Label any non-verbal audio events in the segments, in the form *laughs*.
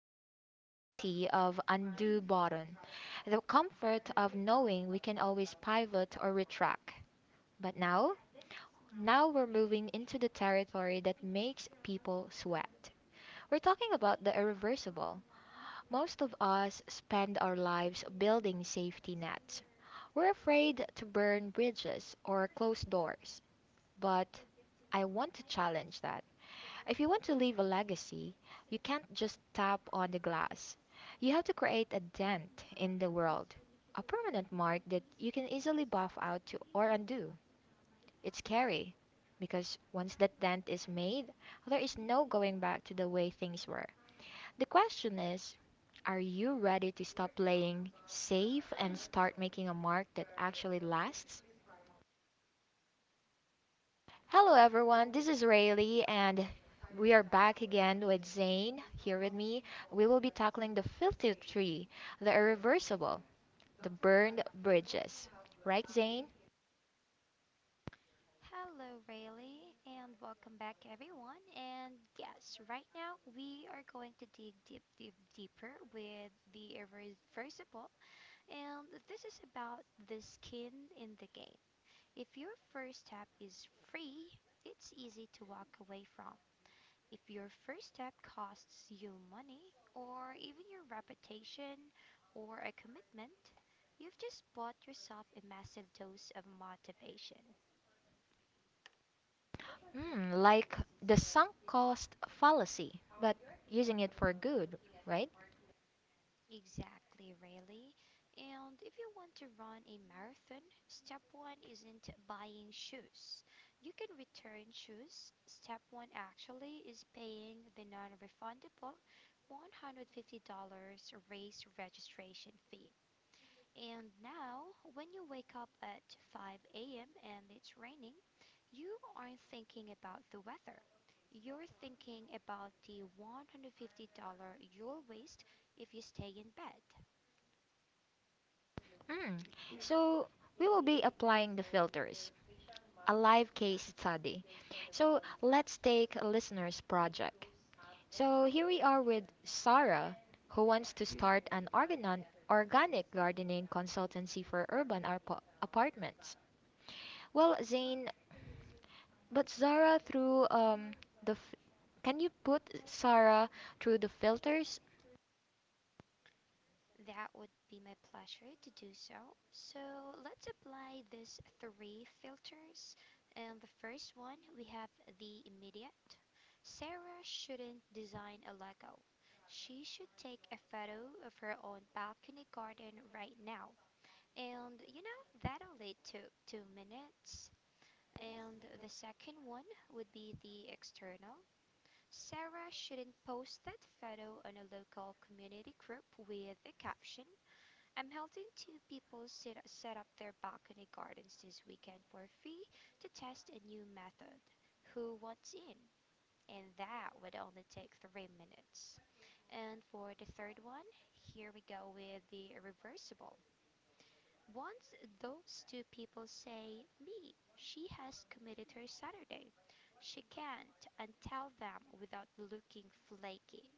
about the safety of undo button, the comfort of knowing we can always pivot or retract. But now, now we're moving into the territory that makes people sweat. We're talking about the irreversible. Most of us spend our lives building safety nets. We're afraid to burn bridges or close doors, but I want to challenge that. If you want to leave a legacy, you can't just tap on the glass. You have to create a dent in the world, a permanent mark that you can easily buff out to, or undo. It's scary, because once that dent is made, there is no going back to the way things were. The question is, are you ready to stop playing safe and start making a mark that actually lasts? Hello, everyone. This is Rayleigh, and we are back again with Zane here with me. We will be tackling the filthy tree, the irreversible, the burned bridges. Right, Zane? Hello, Rayleigh, and welcome back, everyone. And yes, right now we are going to dig deep, deep, deeper with the irreversible. And this is about the skin in the game. If your first step is free, it's easy to walk away from. If your first step costs you money, or even your reputation, or a commitment, you've just bought yourself a massive dose of motivation. Mm, like the sunk cost fallacy, but using it for good, right? Exactly, Riley. And if you want to run a marathon, step one isn't buying shoes. You can return shoes. Step one actually is paying the non refundable $150 race registration fee. And now, when you wake up at 5 a.m. and it's raining, you aren't thinking about the weather. You're thinking about the $150 you'll waste if you stay in bed. Mm. So, we will be applying the filters, a live case study. So, let's take a listener's project. So here we are with Sarah, who wants to start an organic gardening consultancy for urban apartments. Well, Zane, but Sarah the f- can you put Sarah through the filters? That would be my pleasure to do so. So let's apply these three filters. And the first one, we have the immediate. Sarah shouldn't design a Lego. She should take a photo of her own balcony garden right now. And you know, that only took 2 minutes. And the second one would be the external. Sarah shouldn't post that photo on a local community group with a caption: I'm helping two people set up their balcony gardens this weekend for free to test a new method. Who wants in? And that would only take 3 minutes. And for the third one, here we go with the irreversible. Once those two people say, "Me," she has committed her Saturday, she can't untell them without looking flaky.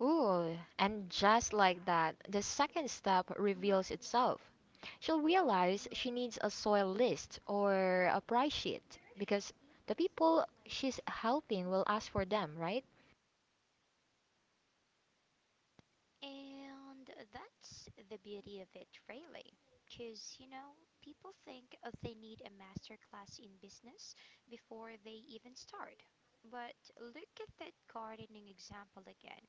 Ooh, and just like that, the second step reveals itself. She'll realize she needs a soil list or a price sheet because the people she's helping will ask for them, right? And that's the beauty of it, really. Because, you know, people think they need a master class in business before they even start. But look at that gardening example again.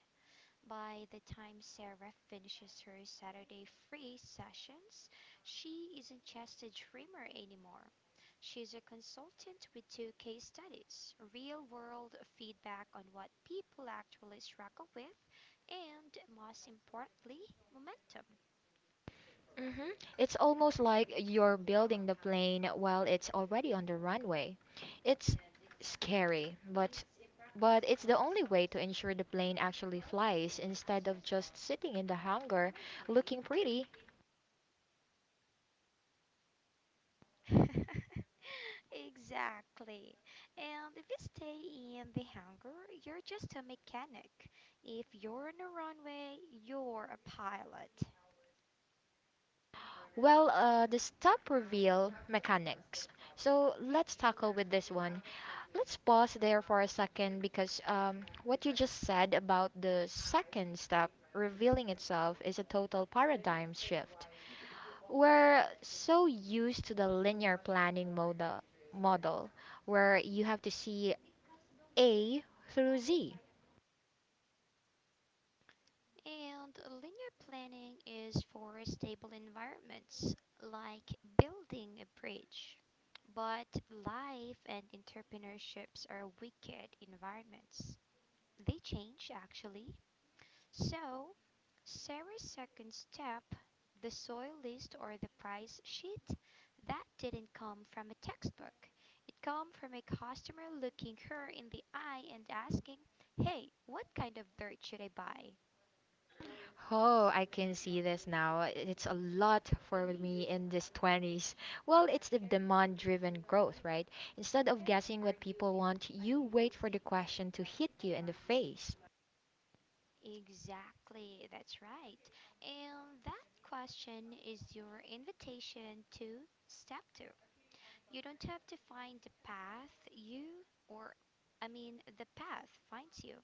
By the time Sarah finishes her Saturday free sessions, she isn't just a dreamer anymore. She's a consultant with two case studies, real world feedback on what people actually struggle with, and most importantly, momentum. hmm It's almost like you're building the plane while it's already on the runway. It's scary, but it's the only way to ensure the plane actually flies instead of just sitting in the hangar looking pretty. *laughs* Exactly. And if you stay in the hangar, you're just a mechanic. If you're on a runway, you're a pilot. Well, the stop reveal mechanics. So let's tackle with this one. Let's pause there for a second because what you just said about the second step revealing itself is a total paradigm shift. We're so used to the linear planning model, model where you have to see A through Z. And linear planning is for stable environments like building a bridge. But life and entrepreneurships are wicked environments. They change actually. So, Sarah's second step, the soil list or the price sheet, that didn't come from a textbook. It came from a customer looking her in the eye and asking, "Hey, what kind of dirt should I buy?" Oh, I can see this now. It's a lot for me in this 20s. Well, it's the demand driven growth, right? Instead of guessing what people want, you wait for the question to hit you in the face. Exactly, that's right. And that question is your invitation to step two. You don't have to find the path you or I mean the path finds you,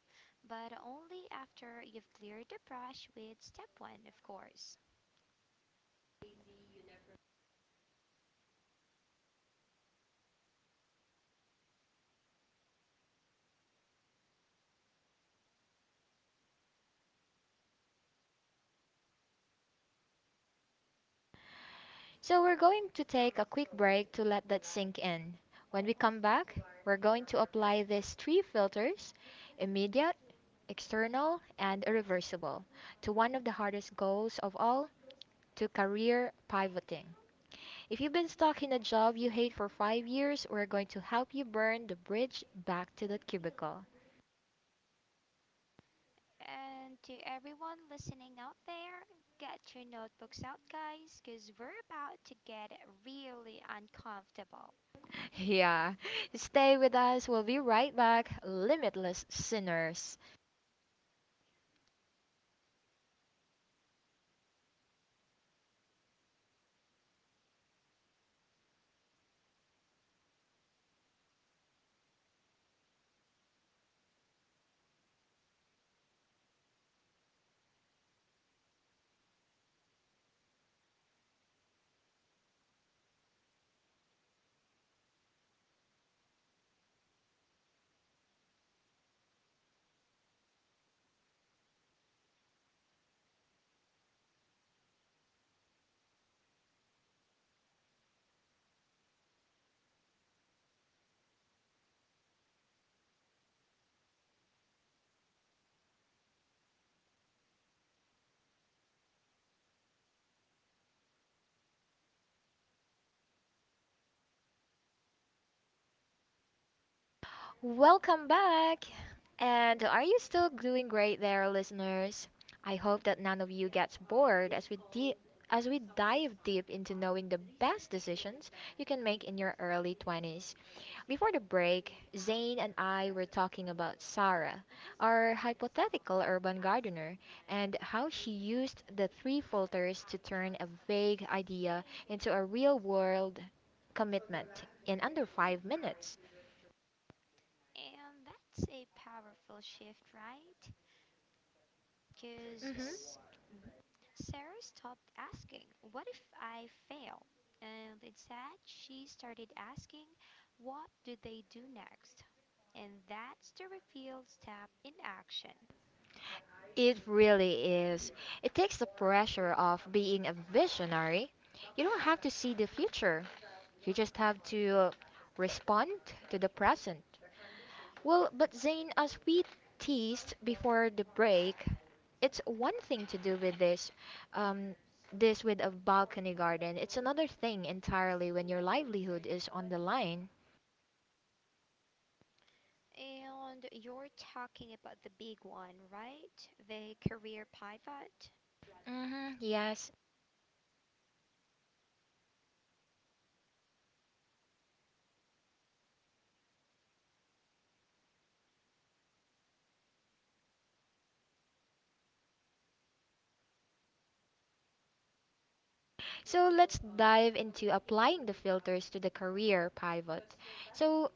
but only after you've cleared the brush with step one, of course. So, we're going to take a quick break to let that sink in. When we come back, we're going to apply these three filters immediate, external and irreversible, to one of the hardest goals of all to career pivoting. If you've been stuck in a job you hate for 5 years, we're going to help you burn the bridge back to that cubicle. And to everyone listening out there, get your notebooks out, guys, because we're about to get really uncomfortable. *laughs* Yeah, stay with us, we'll be right back, limitless sinners. Welcome back! And are you still doing great there, listeners? I hope that none of you gets bored as we as we dive deep into knowing the best decisions you can make in your early 20s. Before the break, Zane and I were talking about Sarah, our hypothetical urban gardener, and how she used the three filters to turn a vague idea into a real-world commitment in under 5 minutes. And that's a powerful shift, right? Because Mm-hmm. Sarah stopped asking, "What if I fail?" And instead, she started asking, "What do they do next?" And that's the reveal step in action. It really is. It takes the pressure off being a visionary. You don't have to see the future, you just have to respond to the present. Well, but Zane, as we teased before the break, it's one thing to do with this, um, this with a balcony garden. It's another thing entirely when your livelihood is on the line. And you're talking about the big one, right? The career pivot. Yes. So let's dive into applying the filters to the career pivot. So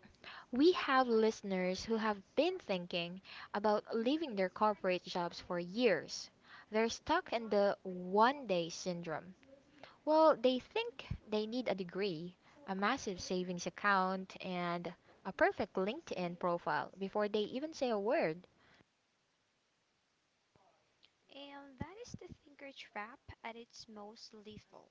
we have listeners who have been thinking about leaving their corporate jobs for years. They're stuck in the one day syndrome. Well, they think they need a degree, a massive savings account, and a perfect LinkedIn profile before they even say a word. And that is the thinker trap at its most lethal.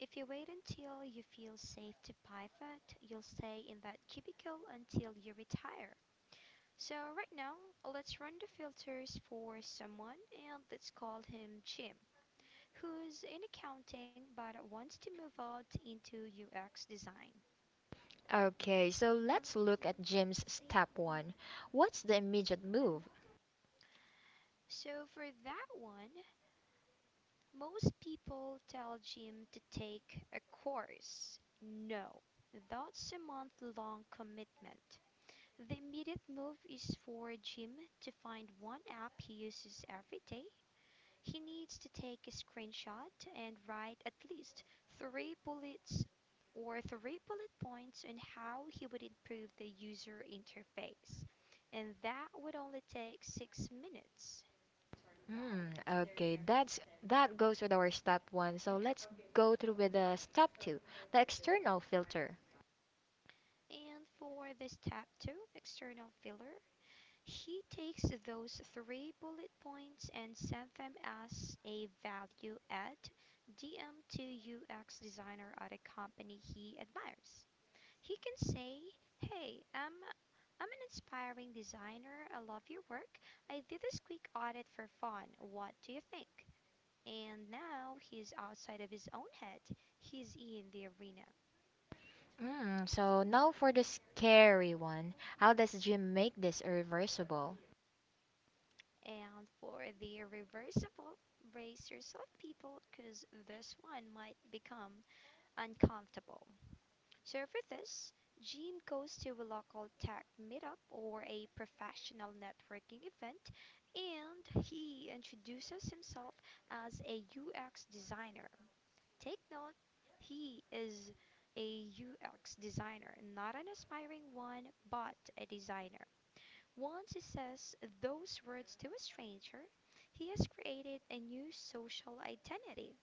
If you wait until you feel safe to pivot, you'll stay in that cubicle until you retire. So right now, let's run the filters for someone, and let's call him Jim, who's in accounting but wants to move out into UX design. Okay, so let's look at Jim's step one. What's the immediate move? So for that one, most people tell Jim to take a course. No, that's a month long commitment. The immediate move is for Jim to find one app he uses every day. He needs to take a screenshot and write at least three bullets or three bullet points on how he would improve the user interface. And that would only take 6 minutes. Hmm, okay, that's that goes with our step one. So let's go through with the step two, the external filter. And for the step two, external filler, he takes those three bullet points and sends them as a value add DM to UX designer at a company he admires. He can say, "Hey, I'm an inspiring designer. I love your work. I did this quick audit for fun. What do you think?" And now he's outside of his own head. He's in the arena. Mm, so now for the scary one. How does Jim make this irreversible? And for the reversible, brace yourself, people, because this one might become uncomfortable. So for this, Jim goes to a local tech meetup or a professional networking event and he introduces himself as a UX designer. Take note, he is a UX designer, not an aspiring one, but a designer. Once he says those words to a stranger, he has created a new social identity.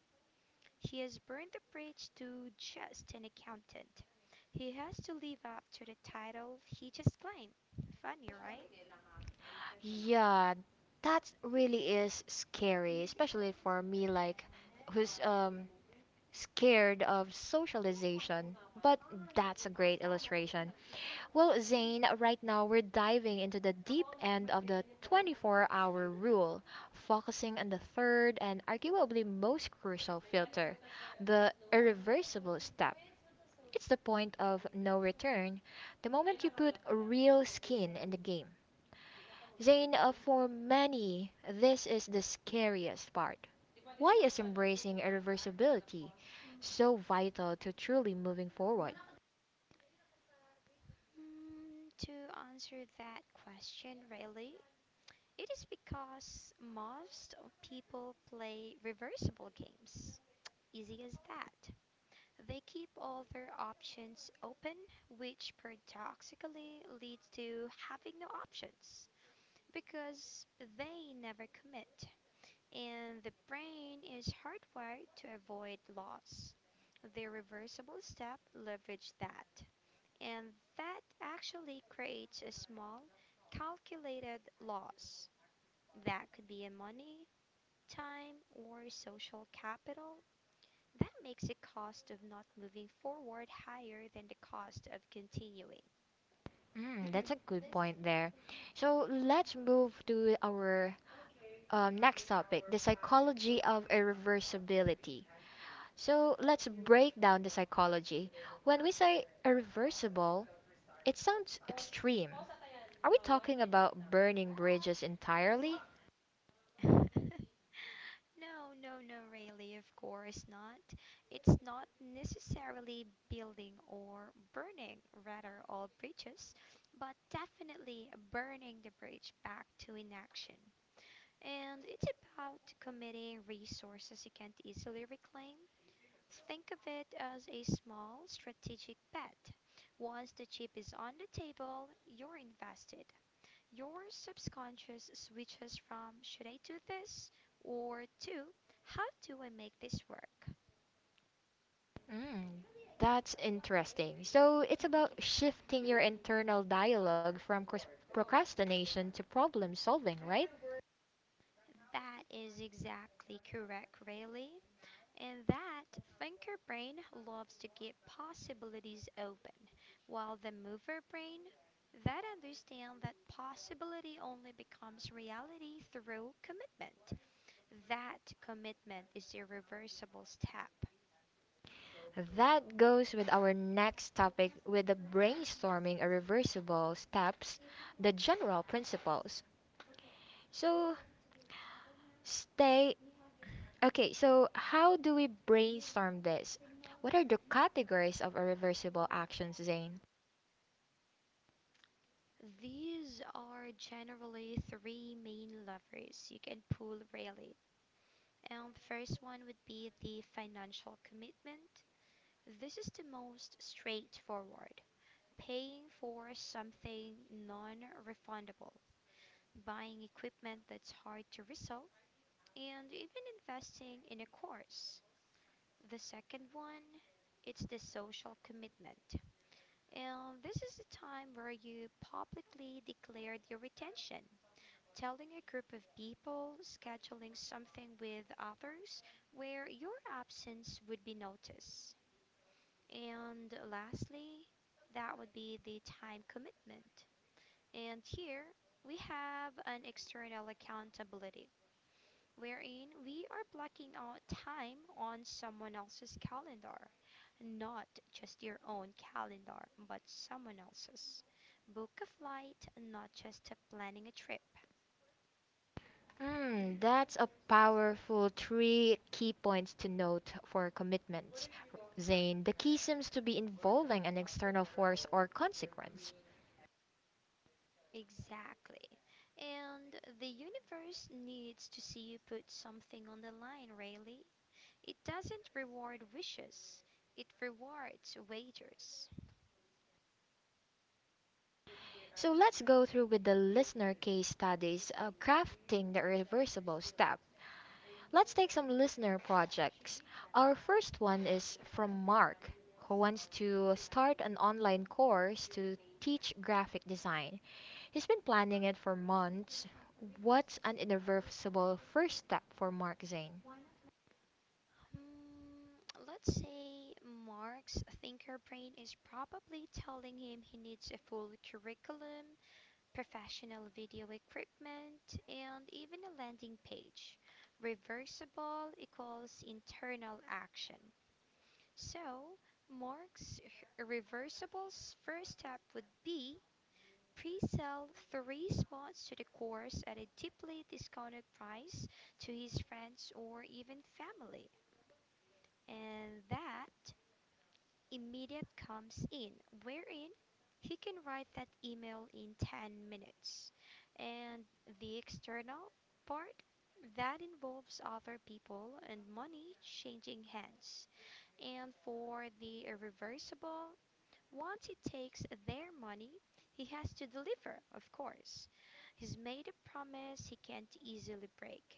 He has burned the bridge to just an accountant. He has to live up to the title he just claimed. Funny, right? Yeah, that really is scary, especially for me, like who's scared of socialization. But that's a great illustration. Well, Zane, right now we're diving into the deep end of the 24-hour rule, focusing on the third and arguably most crucial filter the irreversible step. It's the point of no return, the moment you put real skin in the game. Zane, for many, this is the scariest part. Why is embracing irreversibility so vital to truly moving forward? To answer that question really, it is because most of people play reversible games. Easy as that. They keep all their options open, which paradoxically leads to having no options because they never commit. And the brain is hardwired to avoid loss. The reversible step leverage that, and that actually creates a small, calculated loss. That could be in money, time, or social capital. That makes the cost of not moving forward higher than the cost of continuing. Mm, that's a good point there. So let's move to our next topic the psychology of irreversibility. So let's break down the psychology. When we say irreversible, it sounds extreme. Are we talking about burning bridges entirely? *laughs* No, no, no, really, of course not. It's not necessarily building or burning, rather, all bridges, but definitely burning the bridge back to inaction. And it's about committing resources you can't easily reclaim. Think of it as a small strategic bet. Once the chip is on the table, you're invested. Your subconscious switches from "should I do this" or to "how do I make this work?" Mm, that's interesting. So it's about shifting your internal dialogue from procrastination to problem solving, right? That is exactly correct, Rayleigh. And that thinker brain loves to keep possibilities open, while the mover brain, that understands that possibility only becomes reality through commitment. That commitment is irreversible step. That goes with our next topic with the brainstorming irreversible steps, the general principles. So stay okay, so how do we brainstorm this? What are the categories of irreversible actions, Zane? These are generally three main levers you can pull, really. And the first one would be the financial commitment. This is the most straightforward. Paying for something non refundable, buying equipment that's hard to resell, and even investing in a course. The second one, it's the social commitment. And this is the time where you publicly declare your intention, telling a group of people, scheduling something with others where your absence would be noticed. And lastly, that would be the time commitment. And here we have an external accountability, wherein we are blocking out time on someone else's calendar, not just your own calendar, but someone else's. Book a flight, not just planning a trip. Hmm, that's a powerful three key points to note for commitments, Zane. The key seems to be involving an external force or consequence. Exactly. And the universe needs to see you put something on the line, really. It doesn't reward wishes, it rewards wagers. So let's go through with the listener case studies, crafting the reversible step. Let's take some listener projects. Our first one is from Mark, who wants to start an online course to teach graphic design. He's been planning it for months. What's an irreversible first step for Mark Zane? Hmm, let's say Mark's thinker brain is probably telling him he needs a full curriculum, professional video equipment, and even a landing page. Reversible equals internal action. So, Mark's reversible's first step would be pre-sell three spots to the course at a deeply discounted price to his friends or even family. And that immediate comes in, wherein he can write that email in 10 minutes. And the external part that involves other people and money changing hands. And for the irreversible, once he takes their money, he has to deliver, of course. He's made a promise he can't easily break.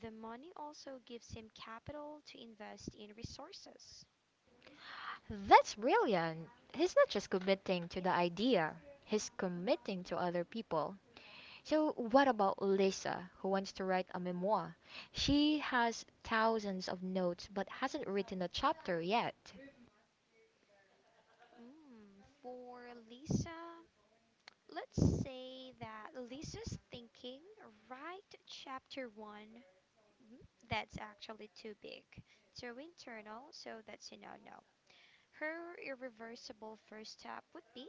The money also gives him capital to invest in resources. That's brilliant. He's not just committing to the idea, he's committing to other people. So, what about Lisa, who wants to write a memoir? She has thousands of notes but hasn't written a chapter yet. For Lisa, let's say that Lisa's thinking, write chapter one. Mm, That's actually too big, too internal, so that's a no no. Her irreversible first step would be: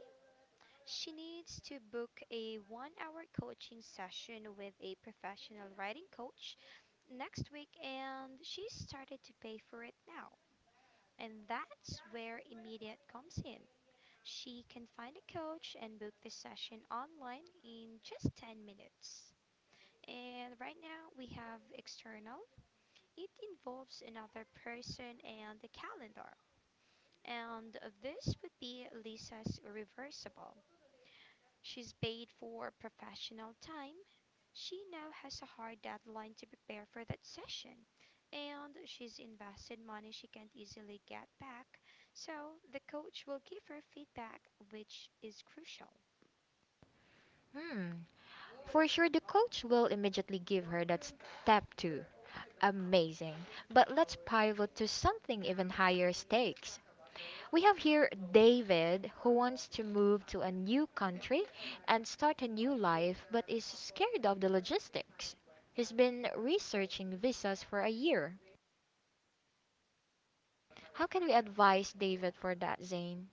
she needs to book a 1 hour coaching session with a professional writing coach next week, and she started to pay for it now. And that's where Immediate comes in. She can find a coach and book the session online in just 10 minutes. And right now we have external. It involves another person and the calendar. And this would be Lisa's reversible. She's paid for professional time. She now has a hard deadline to prepare for that session, and she's invested money she can't easily get back. So the coach will give her feedback, which is crucial. Hmm. For sure, the coach will immediately give her that step two. Amazing. But let's pivot to something even higher stakes. We have here David who wants to move to a new country and start a new life but is scared of the logistics. He's been researching visas for a year. How can we advise David for that, Zane?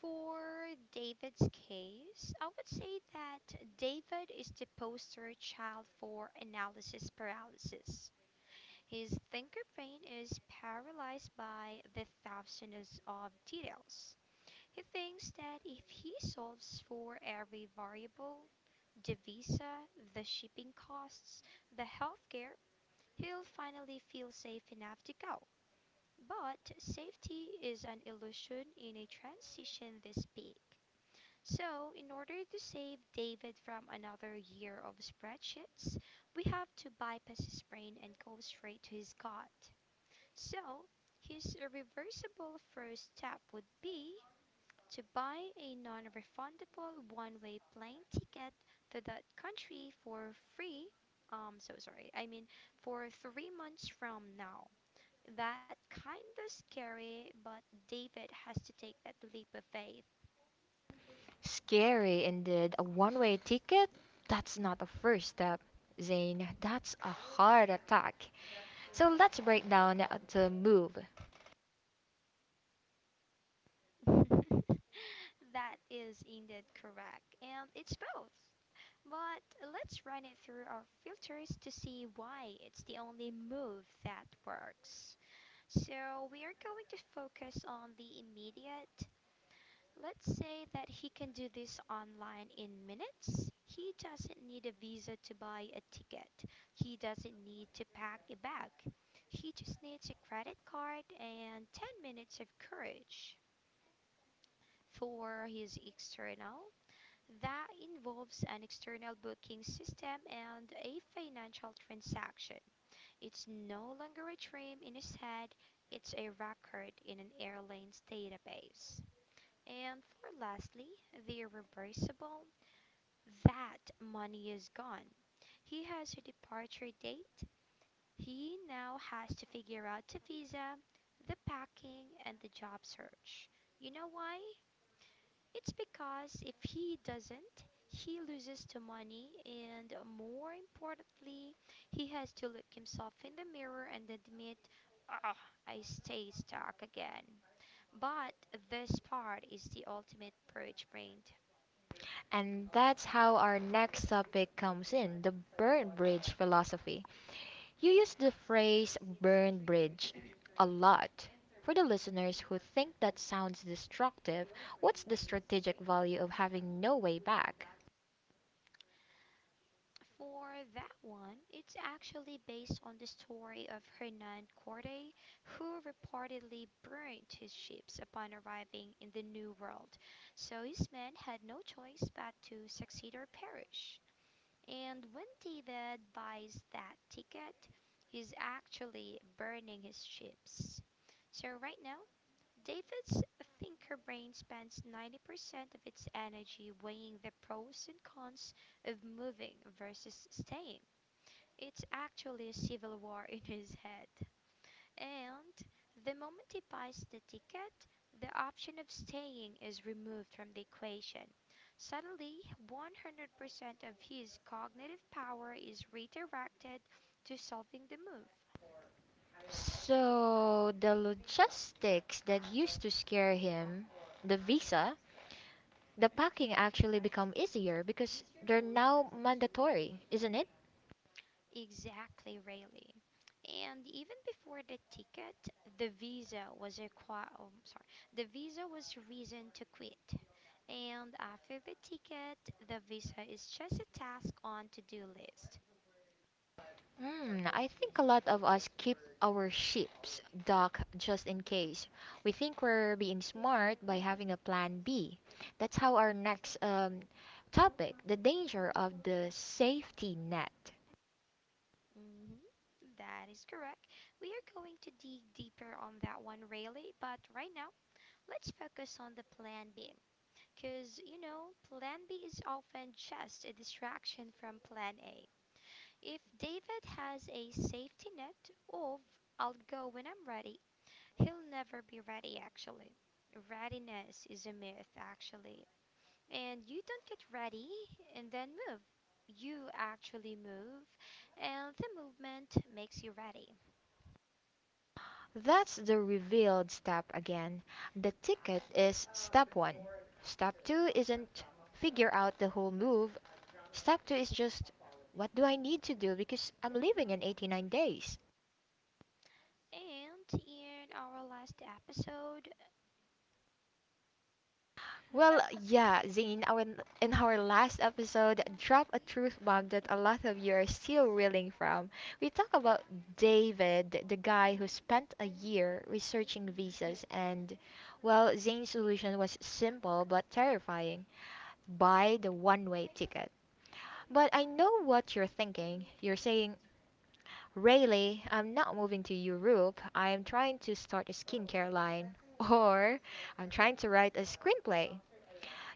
For David's case, I would say that David is the poster child for analysis paralysis. His thinker brain is paralyzed by the thousands of details. He thinks that if he solves for every variable, the visa, the shipping costs, the healthcare, he'll finally feel safe enough to go. But safety is an illusion in a transition this big. So, in order to save David from another year of spreadsheets, we have to bypass his brain and go straight to his gut. So, his irreversible first step would be to buy a non refundable one way plane ticket to that country for free. So sorry, I mean for 3 months from now. That kinda scary, but David has to take that leap of faith. Scary indeed. A one way ticket? That's not a first step, Zane. That's a heart attack. So let's break down the move. *laughs* That is indeed correct, and it's both. But let's run it through our filters to see why it's the only move that works. So we are going to focus on the immediate. Let's say that he can do this online in minutes. He doesn't need a visa to buy a ticket. He doesn't need to pack a bag. He just needs a credit card and 10 minutes of courage. For his external, that involves an external booking system and a financial transaction. It's no longer a dream in his head, it's a record in an airline's database. And for lastly, the irreversible, that money is gone. He has a departure date. He now has to figure out the visa, the packing, and the job search. You know why? It's because if he doesn't, he loses the money, and more importantly, he has to look himself in the mirror and admit, ah, I stay stuck again. But this part is the ultimate purge brain And that's how our next topic comes in the burn bridge philosophy. You use the phrase "burned bridge" a lot. For the listeners who think that sounds destructive, what's the strategic value of having no way back? for that one. It's actually based on the story of Hernan Cortes, who reportedly burned his ships upon arriving in the New World. So his men had no choice but to succeed or perish. And when David buys that ticket, he's actually burning his ships. So right now, David's thinker brain spends 90% of its energy weighing the pros and cons of moving versus staying. It's actually a civil war in his head. And the moment he buys the ticket, the option of staying is removed from the equation. Suddenly, 100% of his cognitive power is redirected to solving the move. So, the logistics that used to scare him, the visa, the packing actually become easier because they're now mandatory, isn't it? Exactly, really. And even before the ticket, the visa was a qua- oh, I'm sorry, the visa was reason to quit. And after the ticket, the visa is just a task on to-do list. Hmm. I think a lot of us keep our ships docked just in case. We think we're being smart by having a plan B. That's how our next topic, the danger of the safety net. Hmm. That is correct. We are going to dig deeper on that one, really, but right now, let's focus on the plan B. Because, you know, plan B is often just a distraction from plan A. If David has a safety net of I'll go when I'm ready, he'll never be ready actually. Readiness is a myth actually. And you don't get ready and then move. You actually move, and the movement makes you ready. That's the revealed step again. The ticket is step one. Step two isn't figure out the whole move. Step two is just what do I need to do because I'm leaving in 89 days. And in our last episode, Well, yeah, Zane, in our last episode, Drop a Truth Bomb that a lot of you are still reeling from, we talk about David, the guy who spent a year researching visas, and, well, Zane's solution was simple but terrifying buy the one way ticket. But I know what you're thinking. You're saying, "Really, I'm not moving to Europe, I am trying to start a skincare line. *laughs* Or, I'm trying to write a screenplay.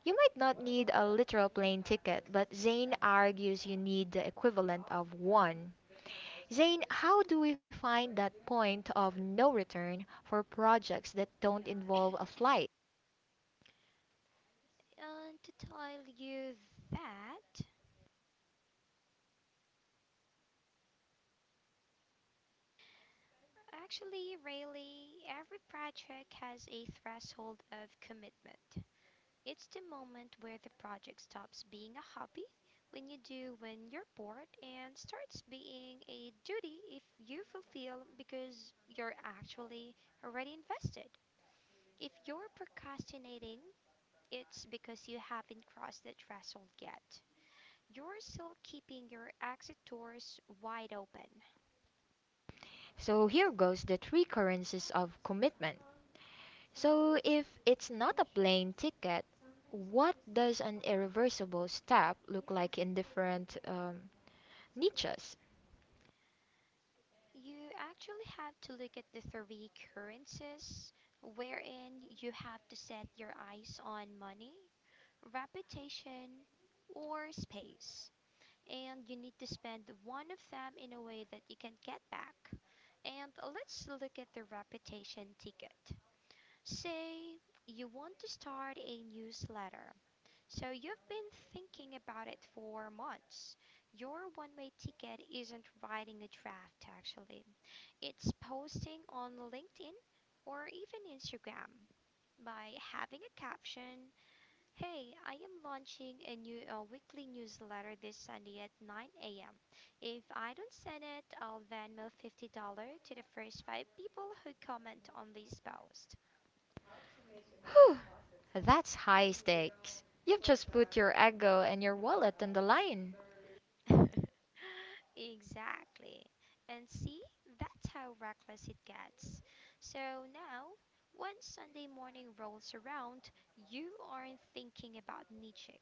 You might not need a literal plane ticket, but Zane argues you need the equivalent of one. Zane, how do we find that point of no return for projects that don't involve a flight? and to tell you that actually, really, every project has a threshold of commitment. It's the moment where the project stops being a hobby when you're bored and starts being a duty if you fulfill because you're actually already invested. If you're procrastinating, it's because you haven't crossed the threshold yet. You're still keeping your exit doors wide open. So here goes the three currencies of commitment. So if it's not a plane ticket, what does an irreversible step look like in different niches? You actually have to look at the three currencies wherein you have to set your eyes on money, reputation, or space. And you need to spend one of them in a way that you can get back. And let's look at the reputation ticket. Say you want to start a newsletter, so you've been thinking about it for months. Your one way ticket isn't writing a draft, actually, it's posting on LinkedIn or even Instagram by having a caption: "Hey, I am launching a new weekly newsletter this Sunday at 9 a.m. If I don't send it, I'll Venmo $50 to the first five people who comment on this post." Whew, that's high stakes. You've just put your ego and your wallet on the line. *laughs* Exactly. And see, that's how reckless it gets. So now, when Sunday morning rolls around, you aren't thinking about Nietzsche.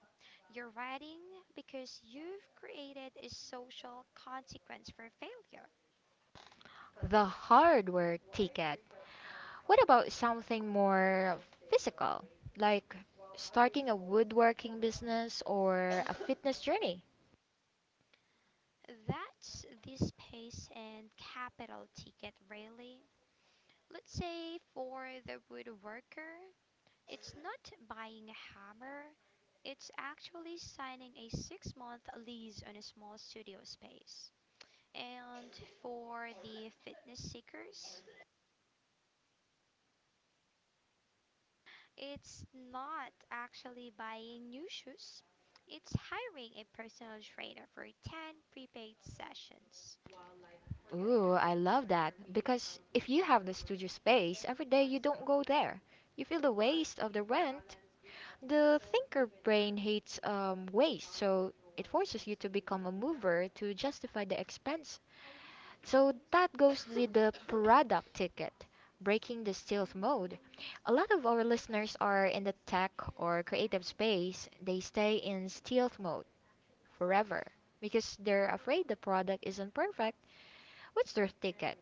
You're writing because you've created a social consequence for failure. The hardware ticket. What about something more physical, like starting a woodworking business or a fitness journey? That's the space and capital ticket, really. Let's say for the woodworker, it's not buying a hammer, it's actually signing a 6 month lease on a small studio space. And for the fitness seekers, it's not actually buying new shoes, it's hiring a personal trainer for 10 prepaid sessions. Ooh, I love that. Because if you have the studio space, every day you don't go there. You feel the waste of the rent. The thinker brain hates waste, so it forces you to become a mover to justify the expense. So that goes with the product ticket, breaking the stealth mode. A lot of our listeners are in the tech or creative space. They stay in stealth mode forever because they're afraid the product isn't perfect. What's their ticket?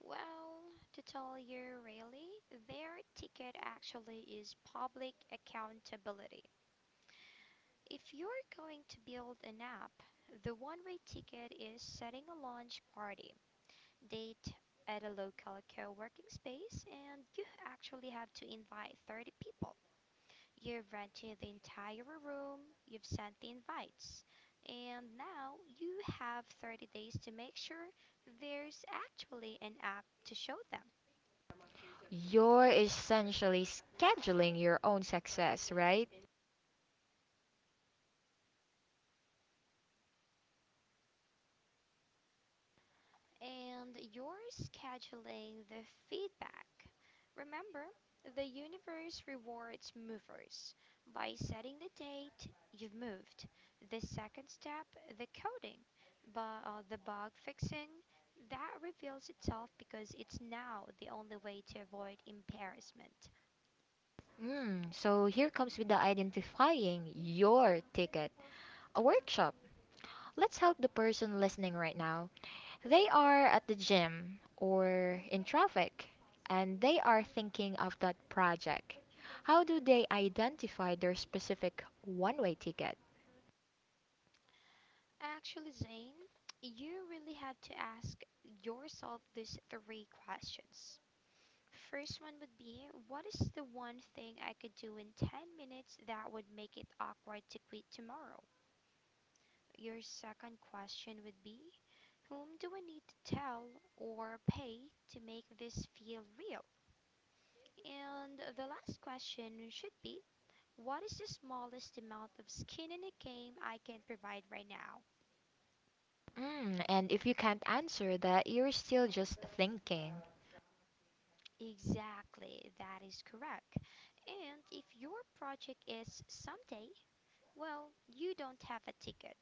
Well, to tell you really, their ticket actually is public accountability. If you're going to build an app, the one way ticket is setting a launch party date at a local co working space, and you actually have to invite 30 people. You've rented the entire room, you've sent the invites, and now you have 30 days to make sure there's actually an app to show them. You're essentially scheduling your own success, right? And you're scheduling the feedback. Remember, the universe rewards movers. By setting the date, you've moved. The second step, the coding, the bug fixing, that reveals itself because it's now the only way to avoid embarrassment. Mm, so here comes with the identifying your ticket. A workshop. Let's help the person listening right now. They are at the gym or in traffic and they are thinking of that project. How do they identify their specific one way ticket? Actually, Zane, you really have to ask yourself these three questions. First one would be: what is the one thing I could do in 10 minutes that would make it awkward to quit tomorrow? Your second question would be: whom do I need to tell or pay to make this feel real? And the last question should be: what is the smallest amount of skin in the game I can provide right now? Mm, and if you can't answer that, you're still just thinking. Exactly, that is correct. And if your project is someday, well, you don't have a ticket.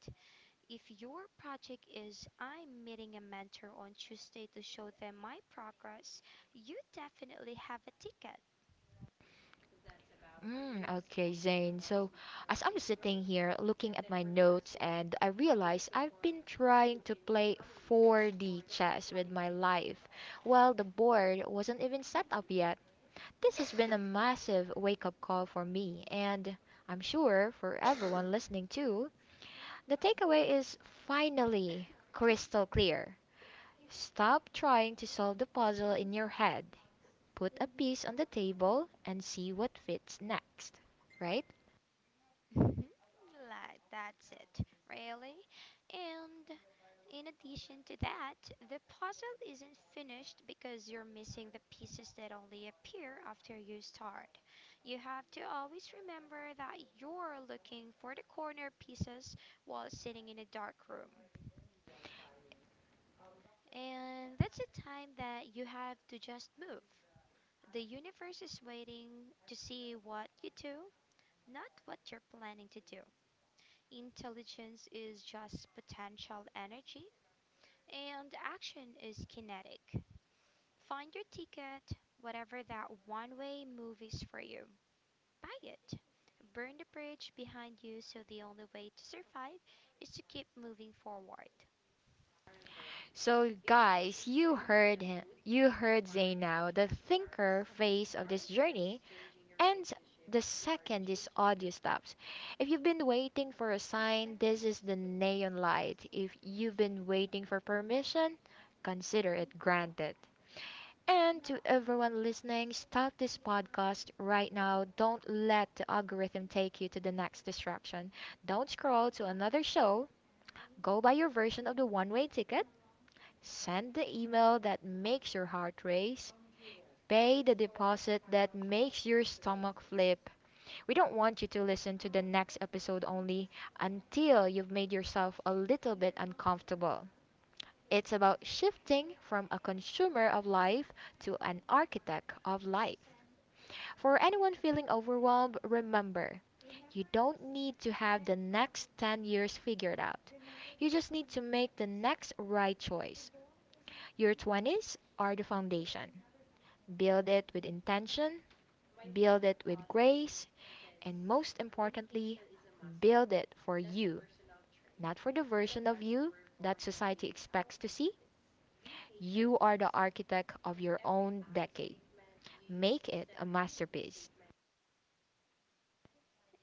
If your project is I'm meeting a mentor on Tuesday to show them my progress, you definitely have a ticket. Mm, okay, Zane. So, as I'm sitting here looking at my notes, and I realize I've been trying to play 4D chess with my life, while the board wasn't even set up yet. This has been a massive wake up call for me, and I'm sure for everyone listening too. The takeaway is finally crystal clear. Stop trying to solve the puzzle in your head, put a piece on the table, and see what fits next. Right? Mhm, like that's it, really. And in addition to that, the puzzle isn't finished because you're missing the pieces that only appear after you start. You have to always remember that you're looking for the corner pieces while sitting in a dark room. And that's a time that you have to just move. The universe is waiting to see what you do, not what you're planning to do. Intelligence is just potential energy, and action is kinetic. Find your ticket, whatever that one way move is for you. Buy it. Burn the bridge behind you so the only way to survive is to keep moving forward. So, guys, you heard him. You heard Zay now, the thinker phase of this journey. And the second is audio stops, if you've been waiting for a sign, this is the neon light. If you've been waiting for permission, consider it granted. And to everyone listening, stop this podcast right now. Don't let the algorithm take you to the next distraction. Don't scroll to another show. Go buy your version of the one way ticket. Send the email that makes your heart race. Pay the deposit that makes your stomach flip. We don't want you to listen to the next episode only until you've made yourself a little bit uncomfortable. It's about shifting from a consumer of life to an architect of life. For anyone feeling overwhelmed, remember, you don't need to have the next 10 years figured out. You just need to make the next right choice. Your 20s are the foundation. Build it with intention, build it with grace, and most importantly, build it for you, not for the version of you that society expects to see. You are the architect of your own decade. Make it a masterpiece.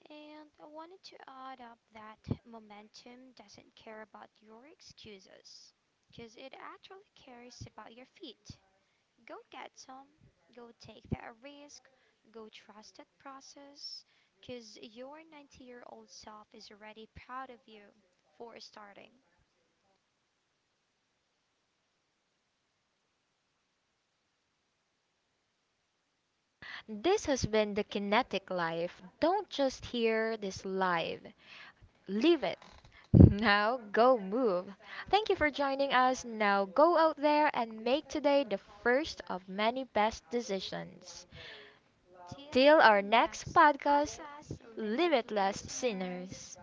And I wanted to add up that momentum doesn't care about your excuses, because it actually cares about your feet. Go get some, go take that risk, go trust that process, because your 90-year-old self is already proud of you for starting. This has been the Kinetic Life. Don't just hear this live, live it. Now go move. Thank you for joining us. Now go out there and make today the first of many best decisions. Till Till our our next next podcast, podcast, limit Limitless listeners. Sinners.